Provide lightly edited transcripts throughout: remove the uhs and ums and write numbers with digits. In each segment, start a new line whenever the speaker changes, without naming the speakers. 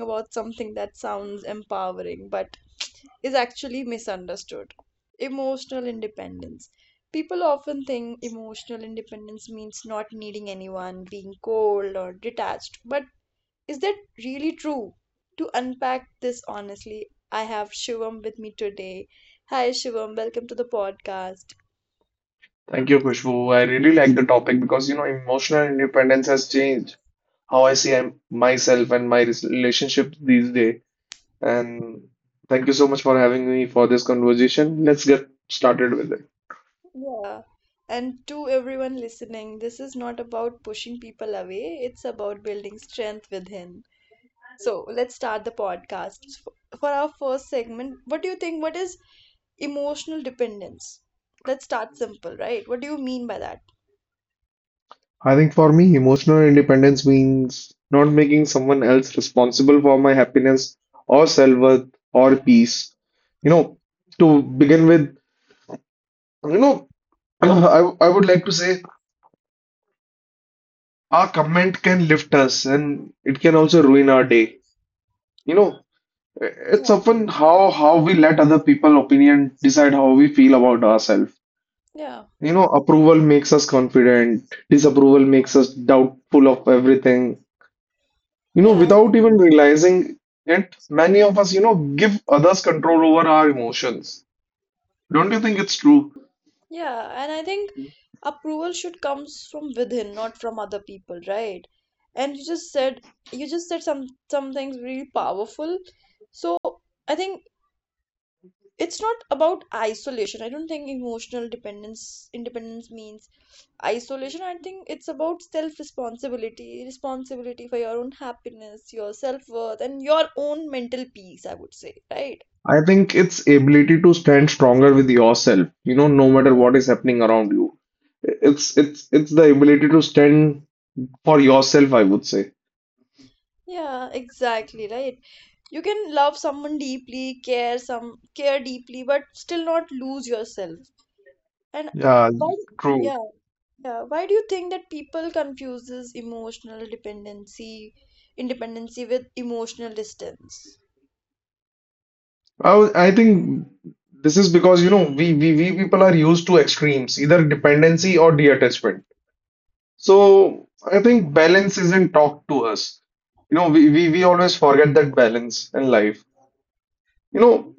About something that sounds empowering but is actually misunderstood: emotional independence. People often think emotional independence means not needing anyone, being cold or detached, but is that really true? To unpack this honestly, I have Shivam with me today. Hi, Shivam. Welcome to the podcast.
Thank you, Khushbu. I really like the topic because you know emotional independence has changed how I see myself and my relationships these days. And thank you so much for having me for this conversation. Let's get started with it.
Yeah. And to everyone listening, this is not about pushing people away, it's about building strength within. So let's start the podcast. For our first segment, what do you think? What is emotional dependence? Let's start simple, right? What do you mean by that?
I think for me, emotional independence means not making someone else responsible for my happiness or self-worth or peace. You know, to begin with, you know, I would like to say our comment can lift us and it can also ruin our day. You know, it's
Yeah,
often how we let other people opinion decide how we feel about ourselves.
yeah,
You know, approval makes us confident, disapproval makes us doubtful of everything. You know,
yeah. I
without
think,
even realizing it, many of us, give others control over our emotions. Don't you think it's true?
yeah, and I think approval should comes from within, not from other people, right? And you just said some things really powerful. So I think it's not about isolation. I don't think emotional dependence independence means isolation. I think it's about self responsibility, for your own happiness, your self worth, and your own mental peace, I would say, right?
I think it's ability to stand stronger with yourself, you know, no matter
Yeah,
what is happening around you. It's the ability to stand for yourself, I would say.
yeah, exactly, right. You can love someone deeply, care deeply, but still not lose yourself. And
Yeah,
why?
true.
Yeah, yeah. Why do you think that people confuses emotional independency with emotional distance?
I think this is because you know we people are used to extremes, either dependency or de-attachment. So I think balance isn't taught to us. You know, we always forget that balance in life. You know,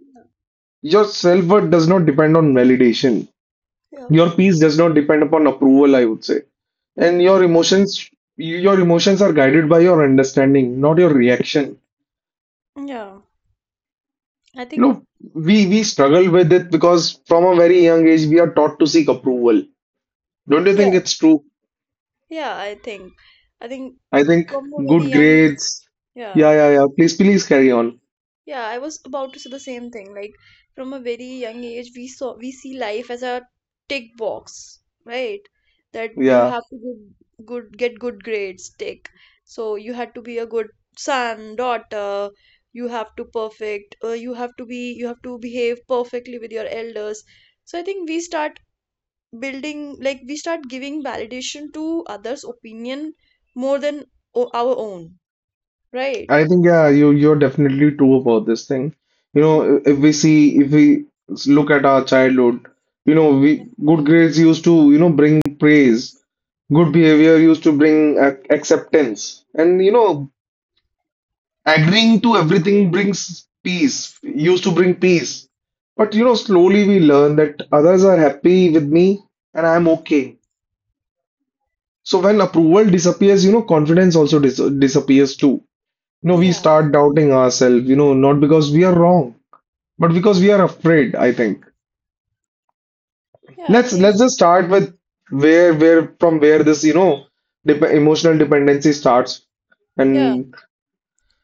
your self-worth does not depend on validation.
Yeah,
Your peace does not depend upon approval, I would say. And your emotions are guided by your understanding, not your reaction.
yeah. I
You
think
know, we struggle with it because from a very young age we are taught to seek approval. Don't you think
yeah,
it's true?
yeah. I think I think
I think
from a very
good
young age.
grades.
Yeah.
Yeah, yeah, yeah. Please, please carry on.
Yeah, I was about to say the same thing. Like from a very young age, we see life as a tick box, right? That you
Yeah,
have to give good get good grades, tick. So you had to be a good son, daughter. You have to perfect. You have to be. You have to behave perfectly with your elders. So I think we start giving validation to others' opinion more than our own, right?
I think yeah, you're definitely true about this thing. You know, if we see, if look at our childhood, you know, we
Mm,
good grades used to, bring praise. Good behavior used to bring ac acceptance, and you know, agreeing to everything brings peace. Used to bring peace. But you know, slowly we learn that others are happy with me and I'm okay. So when approval disappears, you know, confidence also disappears too. You know, we
yeah, yeah,
start doubting ourselves, you know, not because we are wrong, but because we are afraid, I think.
yeah.
Let's let's just start with where from where this, dep emotional dependency starts.
Yeah,
And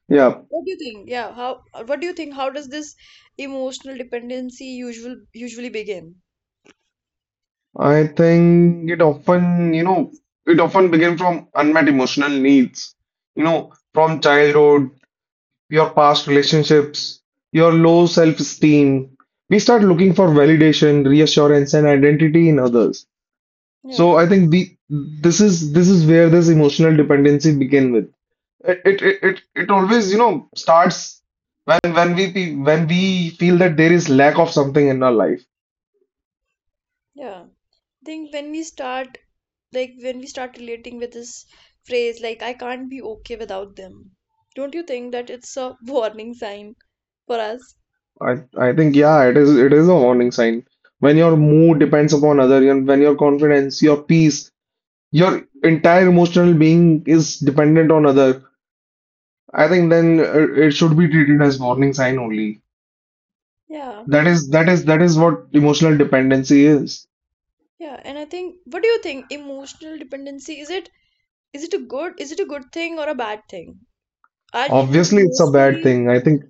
yeah,
What do you think? Yeah, how what do you think? How does this emotional dependency usually begin?
I think it often, it often begin from unmet emotional needs, you know, from childhood your past relationships, your low self esteem. We start looking for validation, reassurance, and identity in others.
Yeah,
So I think the this is where this emotional dependency begin with. It always you know starts when when we feel that there is lack of something in our life.
yeah. I think when we start relating with this phrase, like, I can't be okay without them. Don't you think that it's a warning sign for us?
I think yeah, it is a warning sign. When your mood depends upon other, and when your confidence, your peace, your entire emotional being is dependent on other, I think then it should be treated as warning sign only.
Yeah. I
That is that is
think-
that is what emotional dependency is.
Yeah, and I think, what do you think emotional dependency Is it a good thing or a bad thing? Are you
Obviously, it's a bad
emotionally
thing. I think.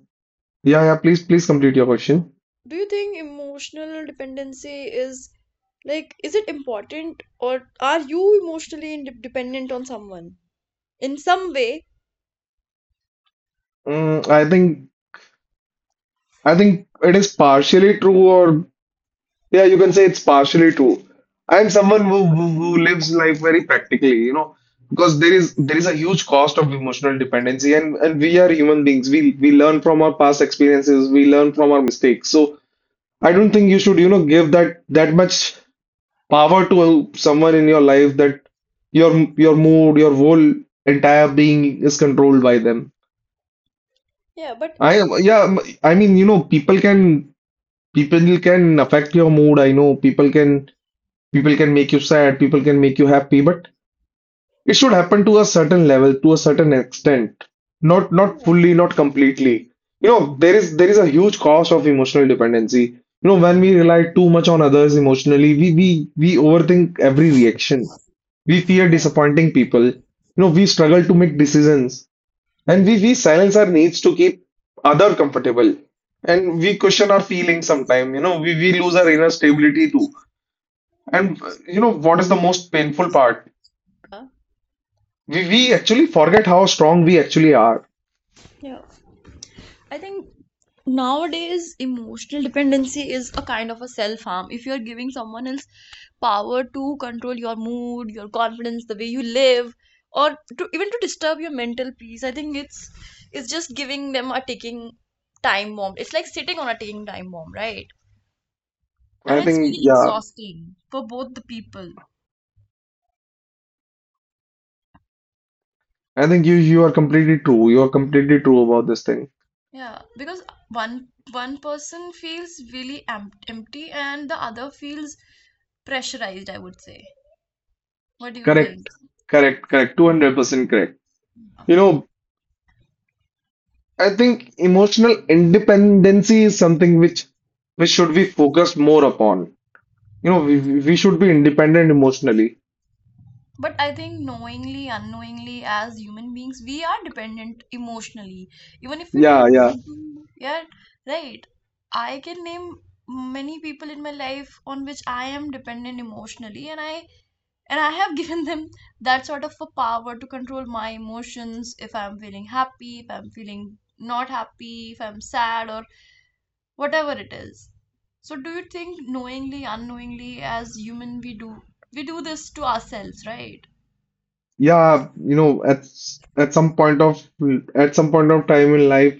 Yeah, yeah. Please, please complete your question.
Do you think emotional dependency is, like, is it important, or are you emotionally dependent on someone in some way?
Mm, I think it is partially true, or yeah, you can say it's partially true. I'm someone who lives life very practically, you know, because there is a huge cost of emotional dependency, and we are human beings. We learn from our past experiences. We learn from our mistakes. So I don't think you should, you know, give that much power to someone in your life that your your mood, your whole entire being is controlled by them.
Yeah, but
I am,
I
yeah,
think,
I mean, you know, people can affect your mood. I know people can make you sad, people can make you happy, but it should happen to a certain level, to a certain extent, not
yeah,
fully, not completely. You know, there is a huge cost of emotional dependency. You know, when we rely too much on others emotionally, we overthink every reaction. We fear disappointing people. You know, we struggle to make decisions, and we silence our needs to keep other comfortable. And we question our feelings sometimes. You know, we lose our inner stability too. And you know, what is the most painful part?
yeah,
We actually forget how strong we actually are.
yeah. I think nowadays emotional dependency is a kind of a self harm. If you're giving someone else power to control your mood, your confidence, the way you live, or to even to disturb your mental peace, I think it's just giving them a ticking time bomb. It's like sitting on a ticking time bomb, right? And
I
it's really
think, yeah,
exhausting for both the people.
I think you are completely true. You are completely true about this thing.
Yeah, because one person feels really empty and the other feels pressurized, I would say. What do you think?
Correct, correct, correct. 200% correct. You know, I think emotional independency is something which should be focused more upon. You know, we should be independent emotionally.
But I think, knowingly, unknowingly, as human beings, we are dependent emotionally, even if we
Yeah,
don't
yeah.
want to, yet, right? I can name many people in my life on which I am dependent emotionally, and I have given them that sort of a power to control my emotions, if I'm feeling happy, if I'm feeling not happy, if I'm sad, or whatever it is. So do you think, knowingly, unknowingly, as human, we do this to ourselves, right?
Yeah, you know, at some point of time in life,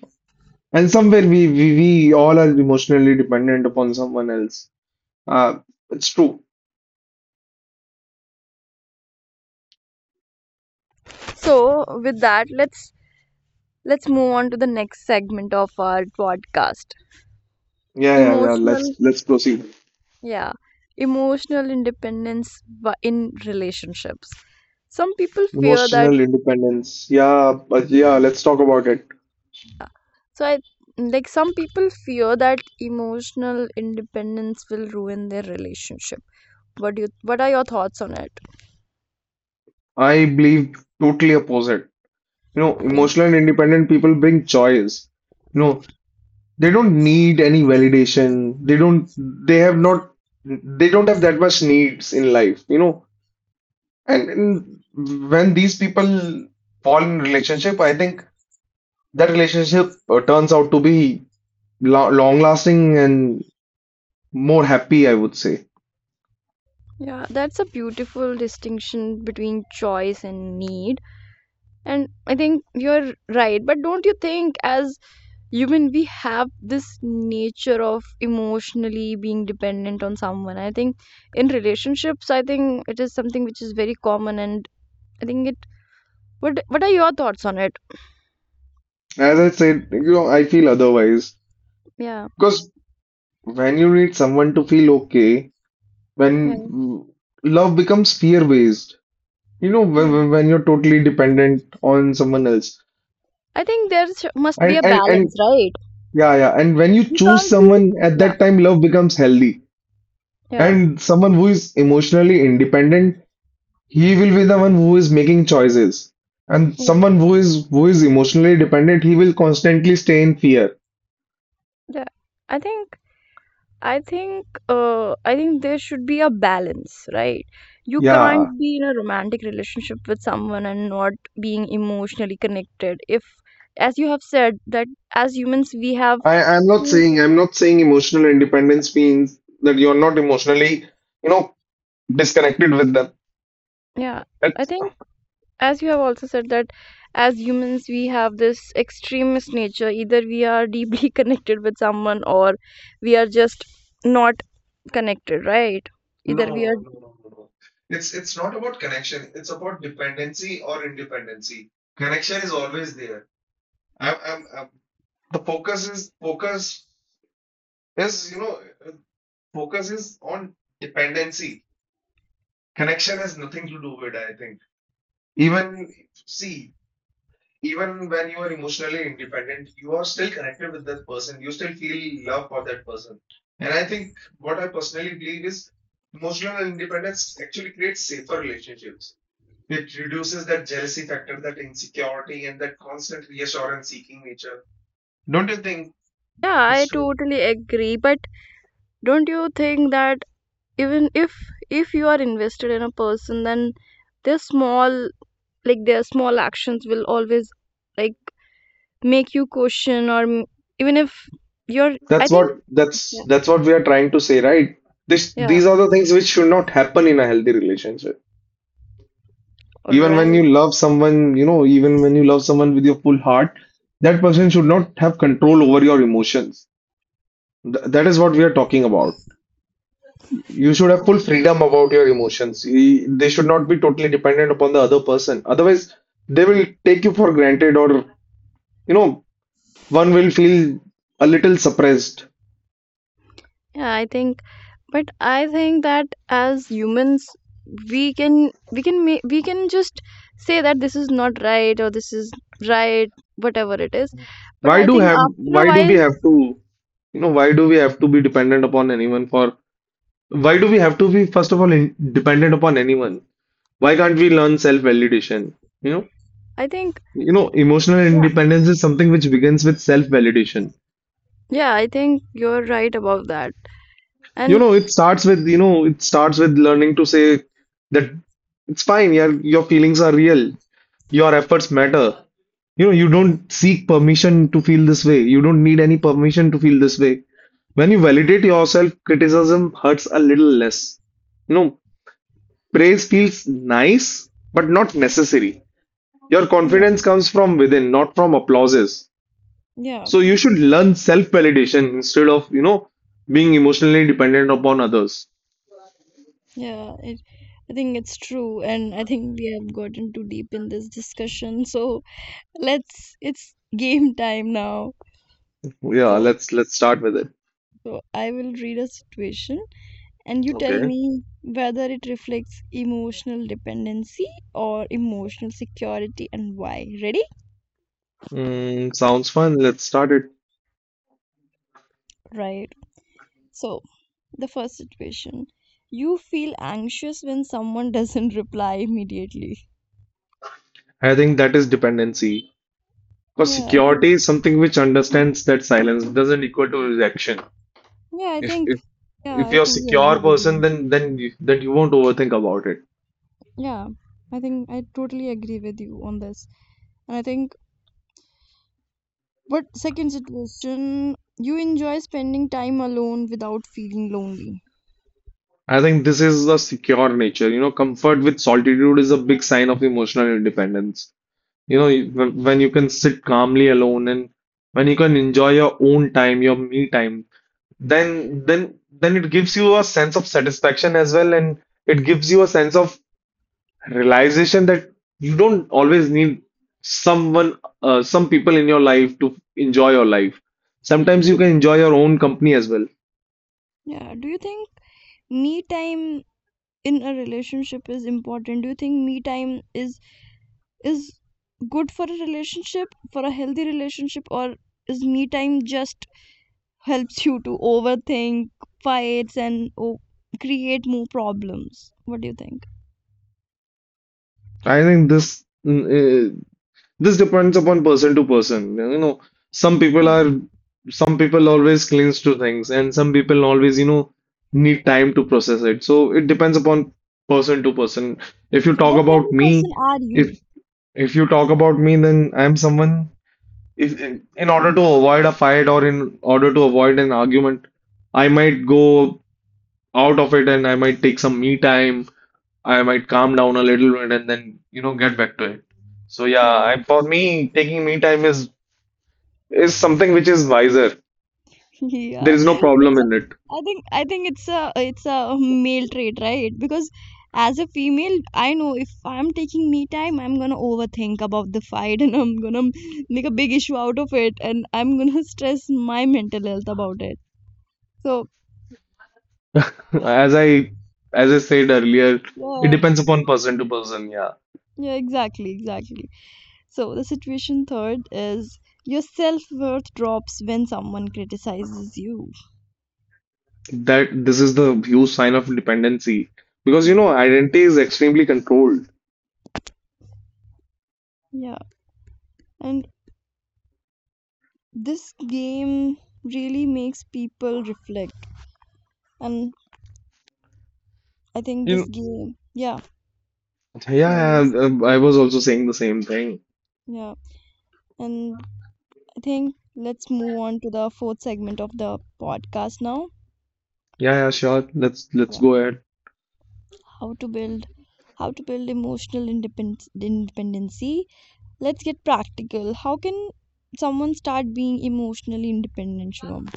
and somewhere we all are emotionally dependent upon someone else. Uh, it's true.
So with that, let's move on to the next segment of our podcast.
Yeah, yeah, yeah. Let's
Emotional,
let's proceed.
yeah, emotional independence in relationships. Some people fear that.
Emotional independence. Yeah, but
Yeah.
yeah, let's talk about it.
So I like Some people fear that emotional independence will ruin their relationship. What do you? What are your thoughts on it?
I believe totally opposite. You know,
Okay.
emotional independent people bring choice. You know, they don't need any validation. They don't. They have not. They don't have that much needs in life. You know, and, when these people fall in relationship, I think that relationship turns out to be lo long lasting and more happy, I would say.
Yeah, that's a beautiful distinction between choice and need. And I think you're right, but don't you think, as human, we have this nature of emotionally being dependent on someone? I think in relationships, I think it is something which is very common. And I think it what are your thoughts on it?
As I said, you know, I feel otherwise.
Yeah,
Because when you need someone to feel okay, when
yeah,
love becomes fear-based, you know,
yeah.
when you're totally dependent on someone else.
I think there must be a balance,
And,
right?
yeah, yeah. And when you
We
choose
can't be.
someone, at
Yeah,
that time, love becomes healthy.
yeah,
And someone who is emotionally independent, he will be the one who is making choices. And
yeah,
someone who is emotionally dependent, he will constantly stay in fear.
yeah. I think I think there should be a balance, right? You can't
Yeah,
be in a romantic relationship with someone and not being emotionally connected. If, as you have said, that as humans we have,
I, I'm not
mm,
saying I'm not saying emotional independence means that you're not emotionally, you know, disconnected with them.
yeah, I
That's
think as you have also said, that as humans we have this extremist nature. Either we are deeply connected with someone, or we are just not connected, right?
no,
Either we are,
no, no, no, no. It's not about connection. It's about dependency or independency. Connection is always there. I'm the focus is you know uh, focus is on dependency. Connection has nothing to do with it, I think. Even see Even when you are emotionally independent, you are still connected with that person. You still feel love for that person. And I think what I personally believe is emotional independence actually creates safer relationships. It reduces that jealousy factor, that insecurity, and that constant reassurance seeking nature. Don't you think
yeah, I
it's true?
totally agree, but don't you think that, even if you are invested in a person, then their small actions will always, like, make you question, or even if you're, I
That's what
think,
that's that's what we are trying to say, right? This
yeah, yeah,
These are the things which should not happen in a healthy relationship.
all
Even when
right.
you love someone, you know, even when you love someone with your full heart, that person should not have control over your emotions. That is what we are talking about. You should have full
Okay.
freedom about your emotions. They should not be totally dependent upon the other person. Otherwise, they will take you for granted, or you know, one will feel a little suppressed.
Yeah, I think, but I think that as humans we can, we can just say that this is not right or this is right, whatever it is, but
Why
I
do
think
have?
after a
Why do we
while,
have to? You know Why do we have to be dependent upon anyone for why do we have to be, first of all, dependent upon anyone? Why can't we learn self-validation? You know,
I think,
you know, emotional
yeah,
independence is something which begins with self-validation.
yeah, I think you're right about that.
You
And
know, it starts with, you know, it starts with learning to say that it's fine, your feelings are real, your efforts matter. You know, you don't seek permission to feel this way. You don't need any permission to feel this way. When you validate yourself, criticism hurts a little less. You know, praise feels nice, but not necessary. Your
yeah,
confidence comes from within, not from applauses.
yeah,
So you should learn self-validation instead of, you know, being emotionally dependent upon others.
yeah. It, I think it's true, and I think we have gotten too deep in this discussion. So it's game time now.
Yeah,
So,
let's start with it.
so I will read a situation, and you tell
Okay.
me whether it reflects emotional dependency or emotional security, and why. Ready?
Sounds fun. Let's start it.
Right. So, the first situation: you feel anxious when someone doesn't reply immediately.
I think that is dependency. Because
Yeah,
security is something which understands that silence doesn't equal to rejection.
yeah, I
If
think,
if
yeah,
if
I
you're a
truly
secure
agree with
person,
you.
then you won't overthink about it.
Yeah, I think I totally agree with you on this. And I think, what, second situation: you enjoy spending time alone without feeling lonely.
I think this is a secure nature. You know, comfort with solitude is a big sign of emotional independence. You know, when you can sit calmly alone and when you can enjoy your own time, your me time, then then then it gives you a sense of satisfaction as well, and it gives you a sense of realization that you don't always need someone, some people in your life to enjoy your life.
Do
Sometimes you
you,
can enjoy your own company as well.
yeah, do you think me time in a relationship is important? Do you think me time is is good for a relationship, for a healthy relationship, or is me time just helps you to overthink, fights, and o create more problems? What do you think?
I think this mm, This depends upon person to person. You know, some people
Yeah.
are, some people always clings to things, and some people always, you know, need time to process it. So it depends upon person to person. If you
So,
talk
what kind
about
of
me,
person are you?
if if you talk about me, then I'm someone. If in order to avoid a fight or in order to avoid an argument, I might go out of it and I might take some me time. I might calm down a little bit and then, you know, get back to it. So yeah,
Yeah.
for me, taking me time is something which is wiser. There
Yeah,
is no
it's
problem
a.
in it.
I think it's a male trait, right? Because as a female, I know if I'm taking me time, I'm gonna overthink about the fight, and I'm gonna make a big issue out of it, and I'm gonna stress my mental health about it. So
As I as I said earlier, it
yeah,
depends upon person to person. Yeah,
yeah, exactly, exactly. So the situation third is: your self worth drops when someone criticizes you.
that this is the huge sign of dependency because you
Yeah,
know identity is extremely controlled.
yeah, and this game really makes people reflect, and I think
You
this
know,
game, yeah, yeah,
yeah,
yes,
yeah, I was also saying the same thing.
yeah. And I think let's move on to the fourth segment of the podcast now.
Yeah, yeah, sure. Let's
Yeah,
go ahead.
how to build, how to build emotional independence, independency. Let's get practical. How can someone start being emotionally independent, Shivam?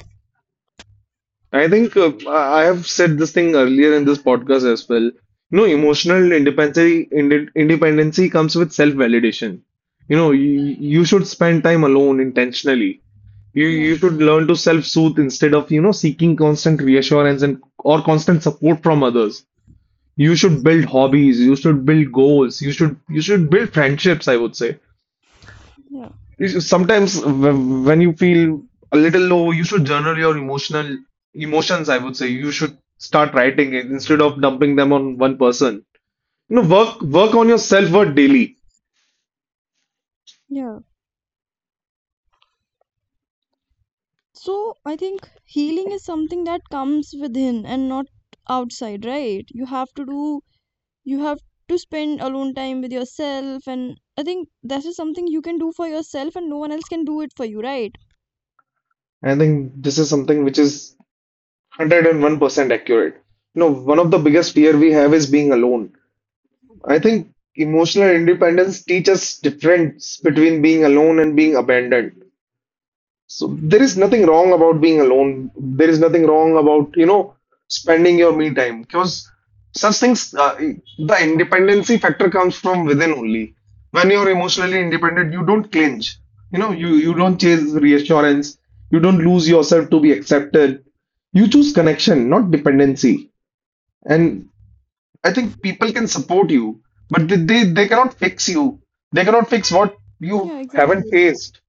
I think I have said this thing earlier in this podcast as well. You know,
Yeah,
emotional independency independency comes with self-validation. You should spend time alone intentionally. You
yeah,
you should learn to self-soothe instead of, you know, seeking constant reassurance and or constant support from others. You should build hobbies, you should build goals, you should build friendships, I would say.
yeah,
Sometimes when you feel a little low, you should journal your emotional emotions, I would say. You should start writing it instead of dumping them on one person. You know, work on your self-worth daily.
yeah. So I think healing is something that comes within and not outside, right? You have to do, you have to spend alone time with yourself, and I think that is something you can do for yourself, and no one else can do it for you, right?
I think this is something which is 101% accurate. You know, one of the biggest fear we have is being alone. I think emotional independence teaches difference between being alone and being abandoned. So there is nothing wrong about being alone. There is nothing wrong about, you know, spending your me time because such things, the independency factor comes from within only. When you're emotionally independent, you don't clinch. You don't chase reassurance. You don't lose yourself to be accepted. You choose connection, not dependency. And I think people can support you, but they cannot fix you. They cannot fix what you
Yeah,
haven't
exactly.
faced.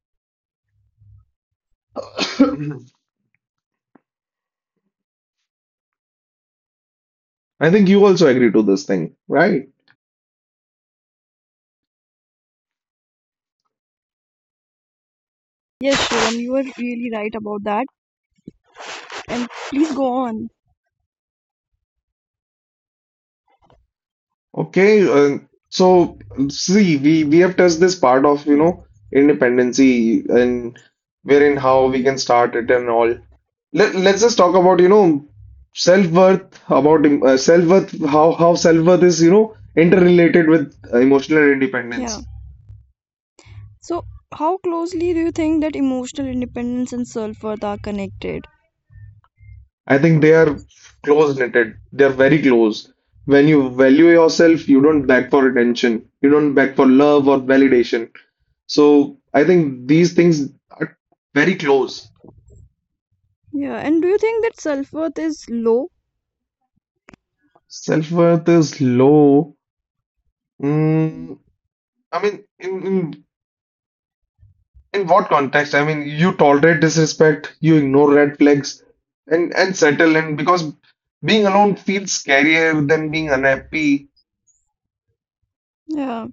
I think you also agree to this thing, right?
Yes, Shivam, you were really right about that. And please go on.
Okay, see, we have touched this part of you
Yeah,
know independency and wherein how we can start it and all. Let's just talk about you know self worth, about self worth, how self worth is you know interrelated with emotional
yeah.
independence.
So, how closely do you think that emotional independence and self worth are connected?
I think they are close knitted. They're very close. When you value yourself, you don't beg for attention. You don't beg for love or validation. So I think these things are very close.
Yeah, and do you think that self worth is low?
Self-worth is low. Mm, I mean, in what context? I mean, you tolerate disrespect, you ignore red flags, and settle in because being alone feels scarier than being unhappy.
Yeah,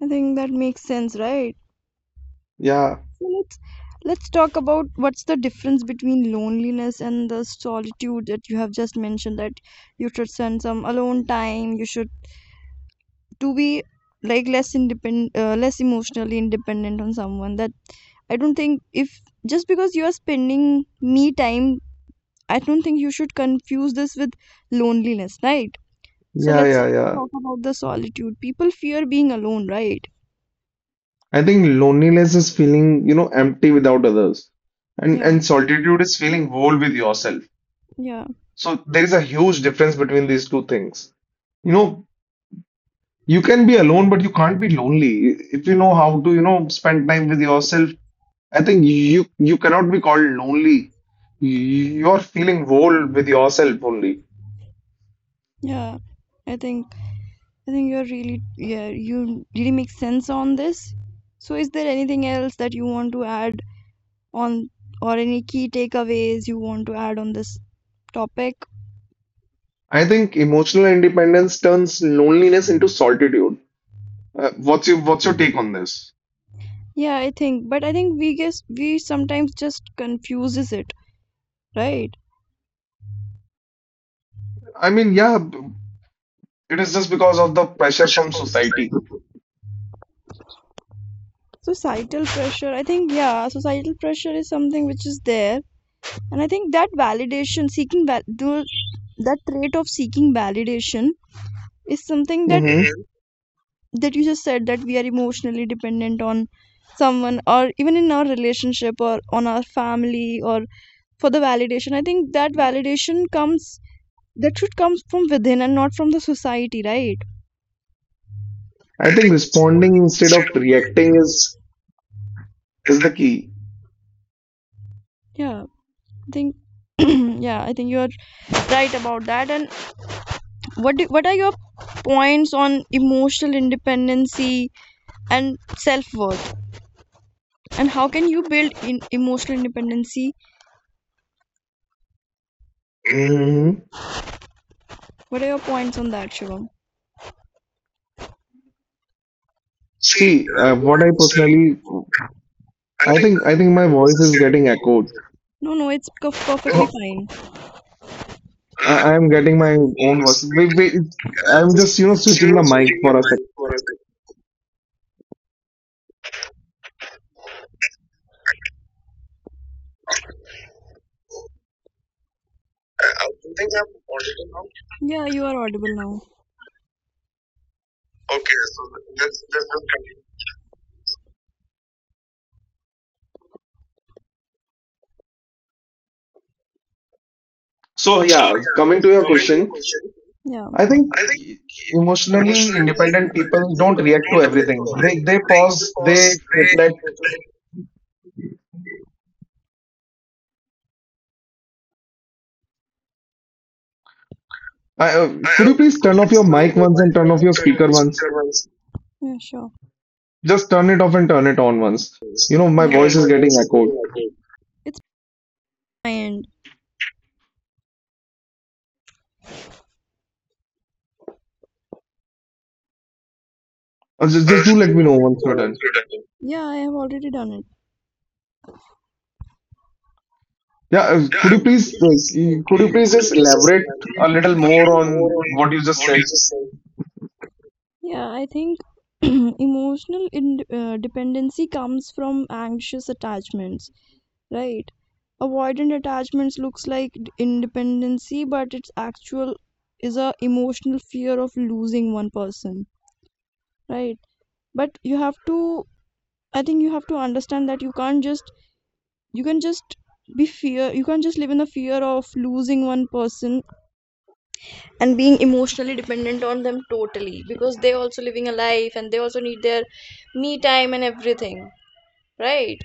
I think that makes sense, right?
Yeah,
So let's, talk about what's the difference between loneliness and the solitude that you have just mentioned. That you should spend some alone time. You should to be, like, less independent, less emotionally independent on someone. That I don't think if just because you are spending me time, I don't think you should confuse this with loneliness, right? So
yeah,
let's
yeah, yeah.
talk about the solitude. People fear being alone, right?
I think loneliness is feeling, you know, empty without others, and
Yeah,
solitude is feeling whole with yourself.
yeah,
So there is a huge difference between these two things. You know, you can be alone, but you can't be lonely. If you know how to, you know, spend time with yourself, I think you cannot be called lonely. You're feeling whole with yourself only.
yeah. I think I think you're really, yeah, you really make sense on this. So is there anything else that you want to add on, or any key takeaways you want to add on this topic?
I think emotional independence turns loneliness into solitude. What's your take on this?
Yeah, I think, but I think we guess we sometimes just confuses it, right?
I mean, yeah, it is just because of the pressure
Pressure
from
from
society.
society, societal pressure. I think, yeah, societal pressure is something which is there, and I think that validation seeking, that trait of seeking validation is something that,
Hmm.
mhm, that you just said, that we are emotionally dependent on someone, or even in our relationship, or on our family, or for the validation, I think that validation comes, that should come from within and not from the society, right? I
I think
think
responding
responding
instead
instead
of
of
reacting
reacting
is
is
is
the
the
key.
key.
Yeah, I think yeah, I think you're right about that. And what do, what are your points on emotional independency and self-worth? And how can you build in emotional independency?
Hmm.
Mm, what are your points on that, Shivam? See,
See,
what
what
I
I personally,
personally, I think I
I
think
think
my
my
voice
voice
is
is
getting
getting echoed.
echoed. No, no, perfectly
No,
fine. I, I'm
I am
getting
getting
my
my
own
own
voice.
voice. Wait, wait,
I'm
I'm
just
just, you know, switching the
seriously
mic
in the
for us.
mic for us. I think I'm audible now. Yeah, you are audible now. Okay, so let's just continue.
So
So
yeah,
yeah,
coming to your
coming to the
question,
question. Yeah.
I think
I think
emotionally
emotionally
independent
independent
people don't
people
react to
don't react to
everything. They
everything.
they
They give
pause,
pause.
they
They
reflect.
reflect.
Could you please
Could
turn
you
off
please
your
turn off
mic
your
once and
mic
turn
once
off
and
your
turn off
speaker
the
once?
speaker once? Yeah, sure.
Just turn it off and turn it on once. You know, my
Yeah. Know
voice is
my voice
getting
is
echoed.
getting echoed. It's my end.
Just do
Just
let me know
let me
once
know
you're
once
done.
you're done. Yeah, I have already done it.
Yeah,
Yeah,
could you please
could you
just
please just
elaborate
elaborate
a little
a
more
little more
on what
on
you just
what you
said?
just said? Yeah, I think emotional dependency comes from anxious attachments, right? Avoidant attachments looks like independency, but it's actual is a emotional fear of losing one person, right? But you have to, I think you have to understand that you can just you can't just live in the fear of losing one person and being emotionally dependent on them totally, because they also living a life and they also need their me time and everything, right?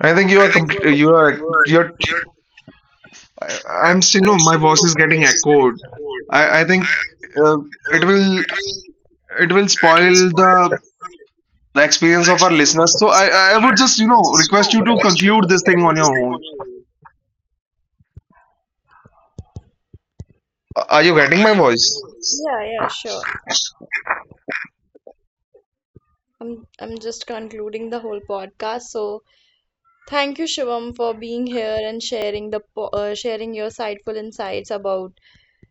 I think you
I
are
think what
complete. You are
what
you're
you're,
I, I'm still,
I'm
know, my
seeing
voice
my
is getting
voice is getting
echoed.
old.
I
I
think
I think
uh, it
um,
will
it will
it will
it will
spoil
spoil
the the
the
experience of our
experience of the
listeners. So
listeners. So
I
I
would just,
I
you
would
know,
just
request you to
request you to
conclude this thing
conclude
on
this
your
thing on
own.
your own.
Are you
Are
getting
are
my
you agree
voice?
on this? Yeah, yeah, sure, i'm I'm just concluding the whole podcast. So thank you, Shivam, for being here and sharing sharing your insightful insights about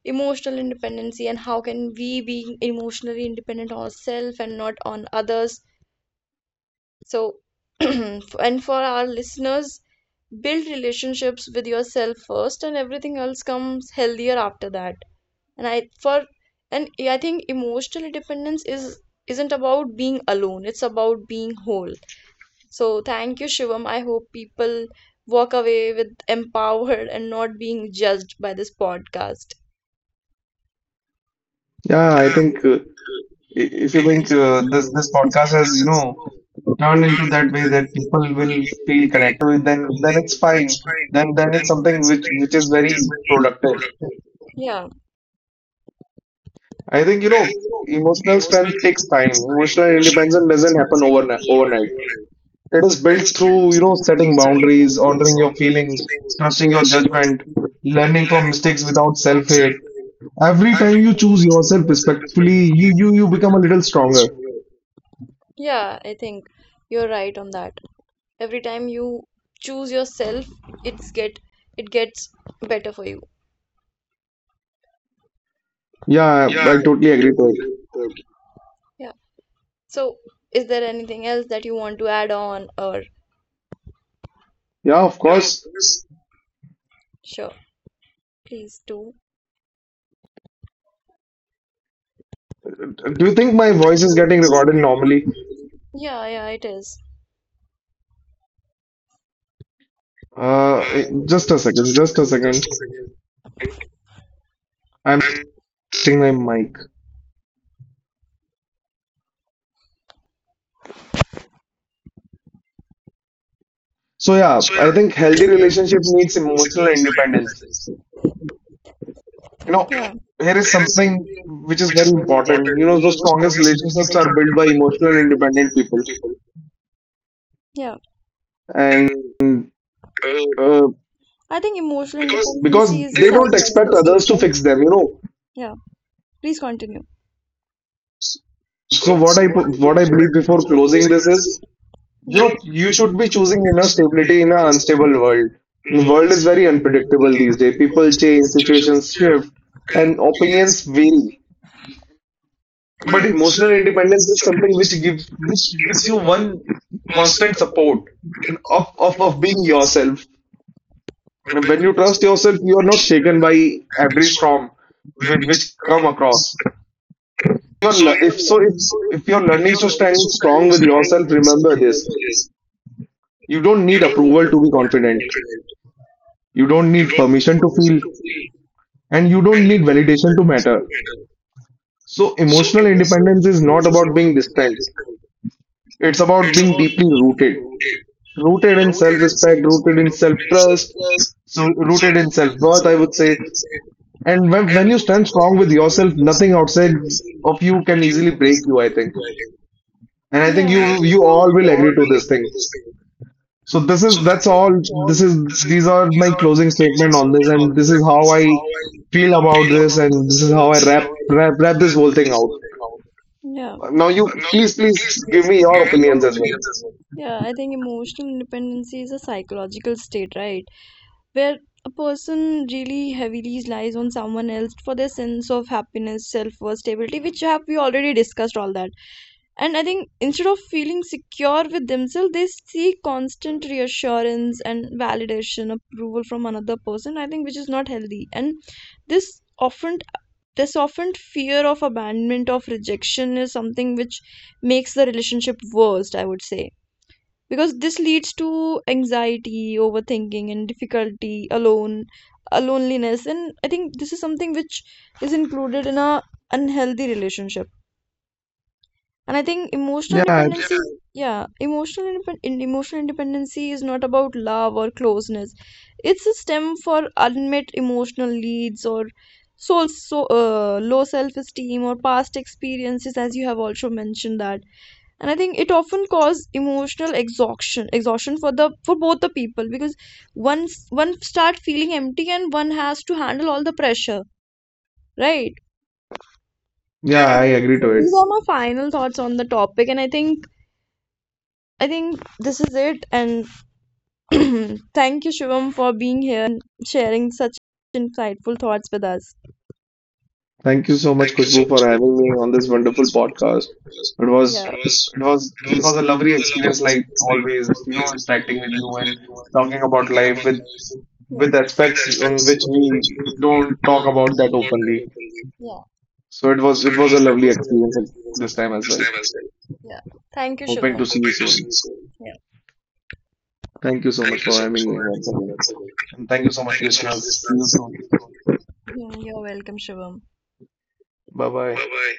emotional independency and how can we be emotionally independent ourselves and not on others. So, and for our listeners, build relationships with yourself first, and everything else comes healthier after that. And I for and I think emotional independence is isn't about being alone; it's about being whole. So thank you, Shivam. I hope people walk away with empowered and not being judged by this podcast.
Yeah,
Yeah,
I
I
think
think
if you think
it's about
this this
this
podcast has,
podcast
you know,
is no
turned into
turning
that
to
way
that
that
the
people
people
will
need
feel
it, think
connected to
that
it, then
people
then
need
it's
that
fine.
it's fine
Then it's
and that
something
it's
which
something
which
which,
is
which
very
is very
productive.
productive. Yeah,
I think, you
I
know,
think
emotional
emotional
strength takes
health
time.
is fine.
Emotional
Emotional
independence
health
doesn't
doesn't
happen
doesn't
overnight.
happen
Overnight,
overnight.
it is built through, you know,
Respectful
setting
sitting down
boundaries,
is
honoring your
always a
feelings,
feeling
trusting your
touching one's
judgment,
emotions,
learning from
learning from
mistakes
mistakes
without
without self
self-hate.
blame.
Every time
Every
you
time
choose
you choose
yourself
yourself
respectfully,
respectfully,
you you
usually
you become
you
a little
become very
stronger.
stronger. Yeah, I think you're right on that. Every time you choose yourself, it's get it gets better for you.
Yeah,
Yeah, I
I totally agree
totally
to it.
like that. Yeah. So, is there anything else that you want to add on, or?
Yeah, of
Yeah, of
course.
course. Sure, please do.
Do you think my voice is getting recorded normally?
Yeah, yeah, it is. Uh,
Just a second,
just a
just a
second, just
second.
a second.
I'm
I'm
testing my
saying,
mic.
like,
So yeah,
so yeah,
I think
there
healthy
is healthy
relationship
relationship
needs
we should
emotional
also
independence.
emphasize.
You know,
Yeah.
here is
There is
something
something
which is
which is
very
very
important.
important.
You know,
You
the
know, those
strongest
strongest
relationships
relationships
are
are
built
built
by
by
emotional
emotional
independent people,
independent people. Yeah.
and
And uh,
uh,
I think emotional, because
because
is a
they
psychological
don't expect others to
the
fix
state,
them. You
right?
know,
Yeah. Please continue. So,
so
so what I
what I
what I
believe
do
before
before
closing
closing
this
this
is,
is
you know,
note,
you
usual
should be
features and
choosing inner
activities
stability in
are
an unstable
unstable.
world. The world
Various
is very unpredictable
unpredictability
these days.
multiple
People
change
change,
situations
situations
here,
shift,
and
and
opinions
opinions
vary.
vary.
But
But emotional
emotional independence
independence
is
is
something
something which
which gives
gives you
you one
one
constant
constant
support
support
in
in
all kind of
of being
being yourself.
yourself.
And
And
when
when
you
you
go
trust
to the
yourself, you are
moment,
not
sugar
shaken
life
by
every
every
form
storm
when which
which
come
come
across.
across.
So
If so
you
if
so
if you're
if
learning
your
to
learning to
stand strong
stand
with
strong with
yourself,
yourself,
remember
remember
this.
this.
You don't
You
need
don't
approval
need
to be
approval to be
confident.
confident.
You don't
You
need
don't need
permission to
permission
feel,
to feel,
and you
and
don't
you
need
don't need
validation to
validation to
matter.
matter.
So
So
emotional
emotional
independence is not
independence is
about
not about
being
being
distant.
described.
It's about
It's
being
about
deeply
being deeply
rooted.
rooted.
Rooted in
Rooted in
self-respect, rooted
self-respect,
in
rooted in
self-trust,
self-trust,
so
so
rooted in
rooted in
self-worth, I would
self-worth
say.
and self.
And
And
when you
you
stand
feel
strong
so
with
strong
yourself,
with
nothing
yourself,
outside
nothing outside
of you
of
can
you
easily
can
break
easily
you, I
make you
think.
violent.
And I think
Yeah. And I
you
think you,
you all
you
will
all will
agree to this
agree to
thing.
this thing.
So this
So
is
this
that's
is
all.
it's all.
This is
This is,
these are
these
my
are
closing
the closing
statement on this,
statement on,
and this is
and
how
this is how
I
I
feel about
feel
this,
about
and
this,
this is
and
how I
this is how I
wrap this
where
whole
this
thing
is
out.
whole out. Yeah.
Now you
Now you,
please
please,
give
please
me your
give me
opinions
your
as well.
opinions as well. Yeah, I think emotional independency is a psychological state, right? Where a person really heavily relies on someone else for their sense of happiness, self worth, stability, which have we already discussed all that. And I think instead of feeling secure with themselves, they seek constant reassurance and validation, approval from another person. I think which is not healthy. And this often this often fear of abandonment of rejection is something which makes the relationship worst, I would say, because this leads to anxiety, overthinking, and difficulty alone, a loneliness. And I think this is something which is included in a unhealthy relationship. And I think emotional
Yeah,
dependency, yeah, emotional independency is not about love or closeness. It's a stem for unmet emotional needs or low self-esteem or past experiences, as you have also mentioned that. And I think it often causes emotional exhaustion for both the people, because once one start feeling empty and one has to handle all the pressure, right?
yeah,
Yeah,
I agree
so
to it.
these are my final thoughts on the topic, and i think this is it. And thank you shivam for being here and sharing such insightful thoughts with us.
Thank you so much,
Thank you so
Kushbu,
much
for
for
having me on
having
this
me on
wonderful
this wonderful
podcast.
podcast.
It
Yeah.
was it was
It
it
was,
was a
it
lovely
was a lot of
experience, like
listening
always, you know,
always, you
interacting with
like
you
to
and
everyone
talking about
talking
life
about
with
life. Yeah. With
aspects on
aspects
which
which
we
we
don't talk
don't
about
talk
that
about that
openly.
openly. Yeah.
So it
So
was it
it
was
was,
a
it
lovely
was a lovely
experience this
experience
time as
this
well.
time as well. Yeah. Thank you,
Hoping
Shubham.
to see you
Hoping to see you
soon.
soon. Yeah.
Thank you so much
Thank you
for
so much
having
for
me once
having me
again.
once again.
And thank you so
And
much,
thank you so much,
listeners. See you
listeners.
soon.
You're welcome, Shubham.
Bye
Bye
bye.
bye.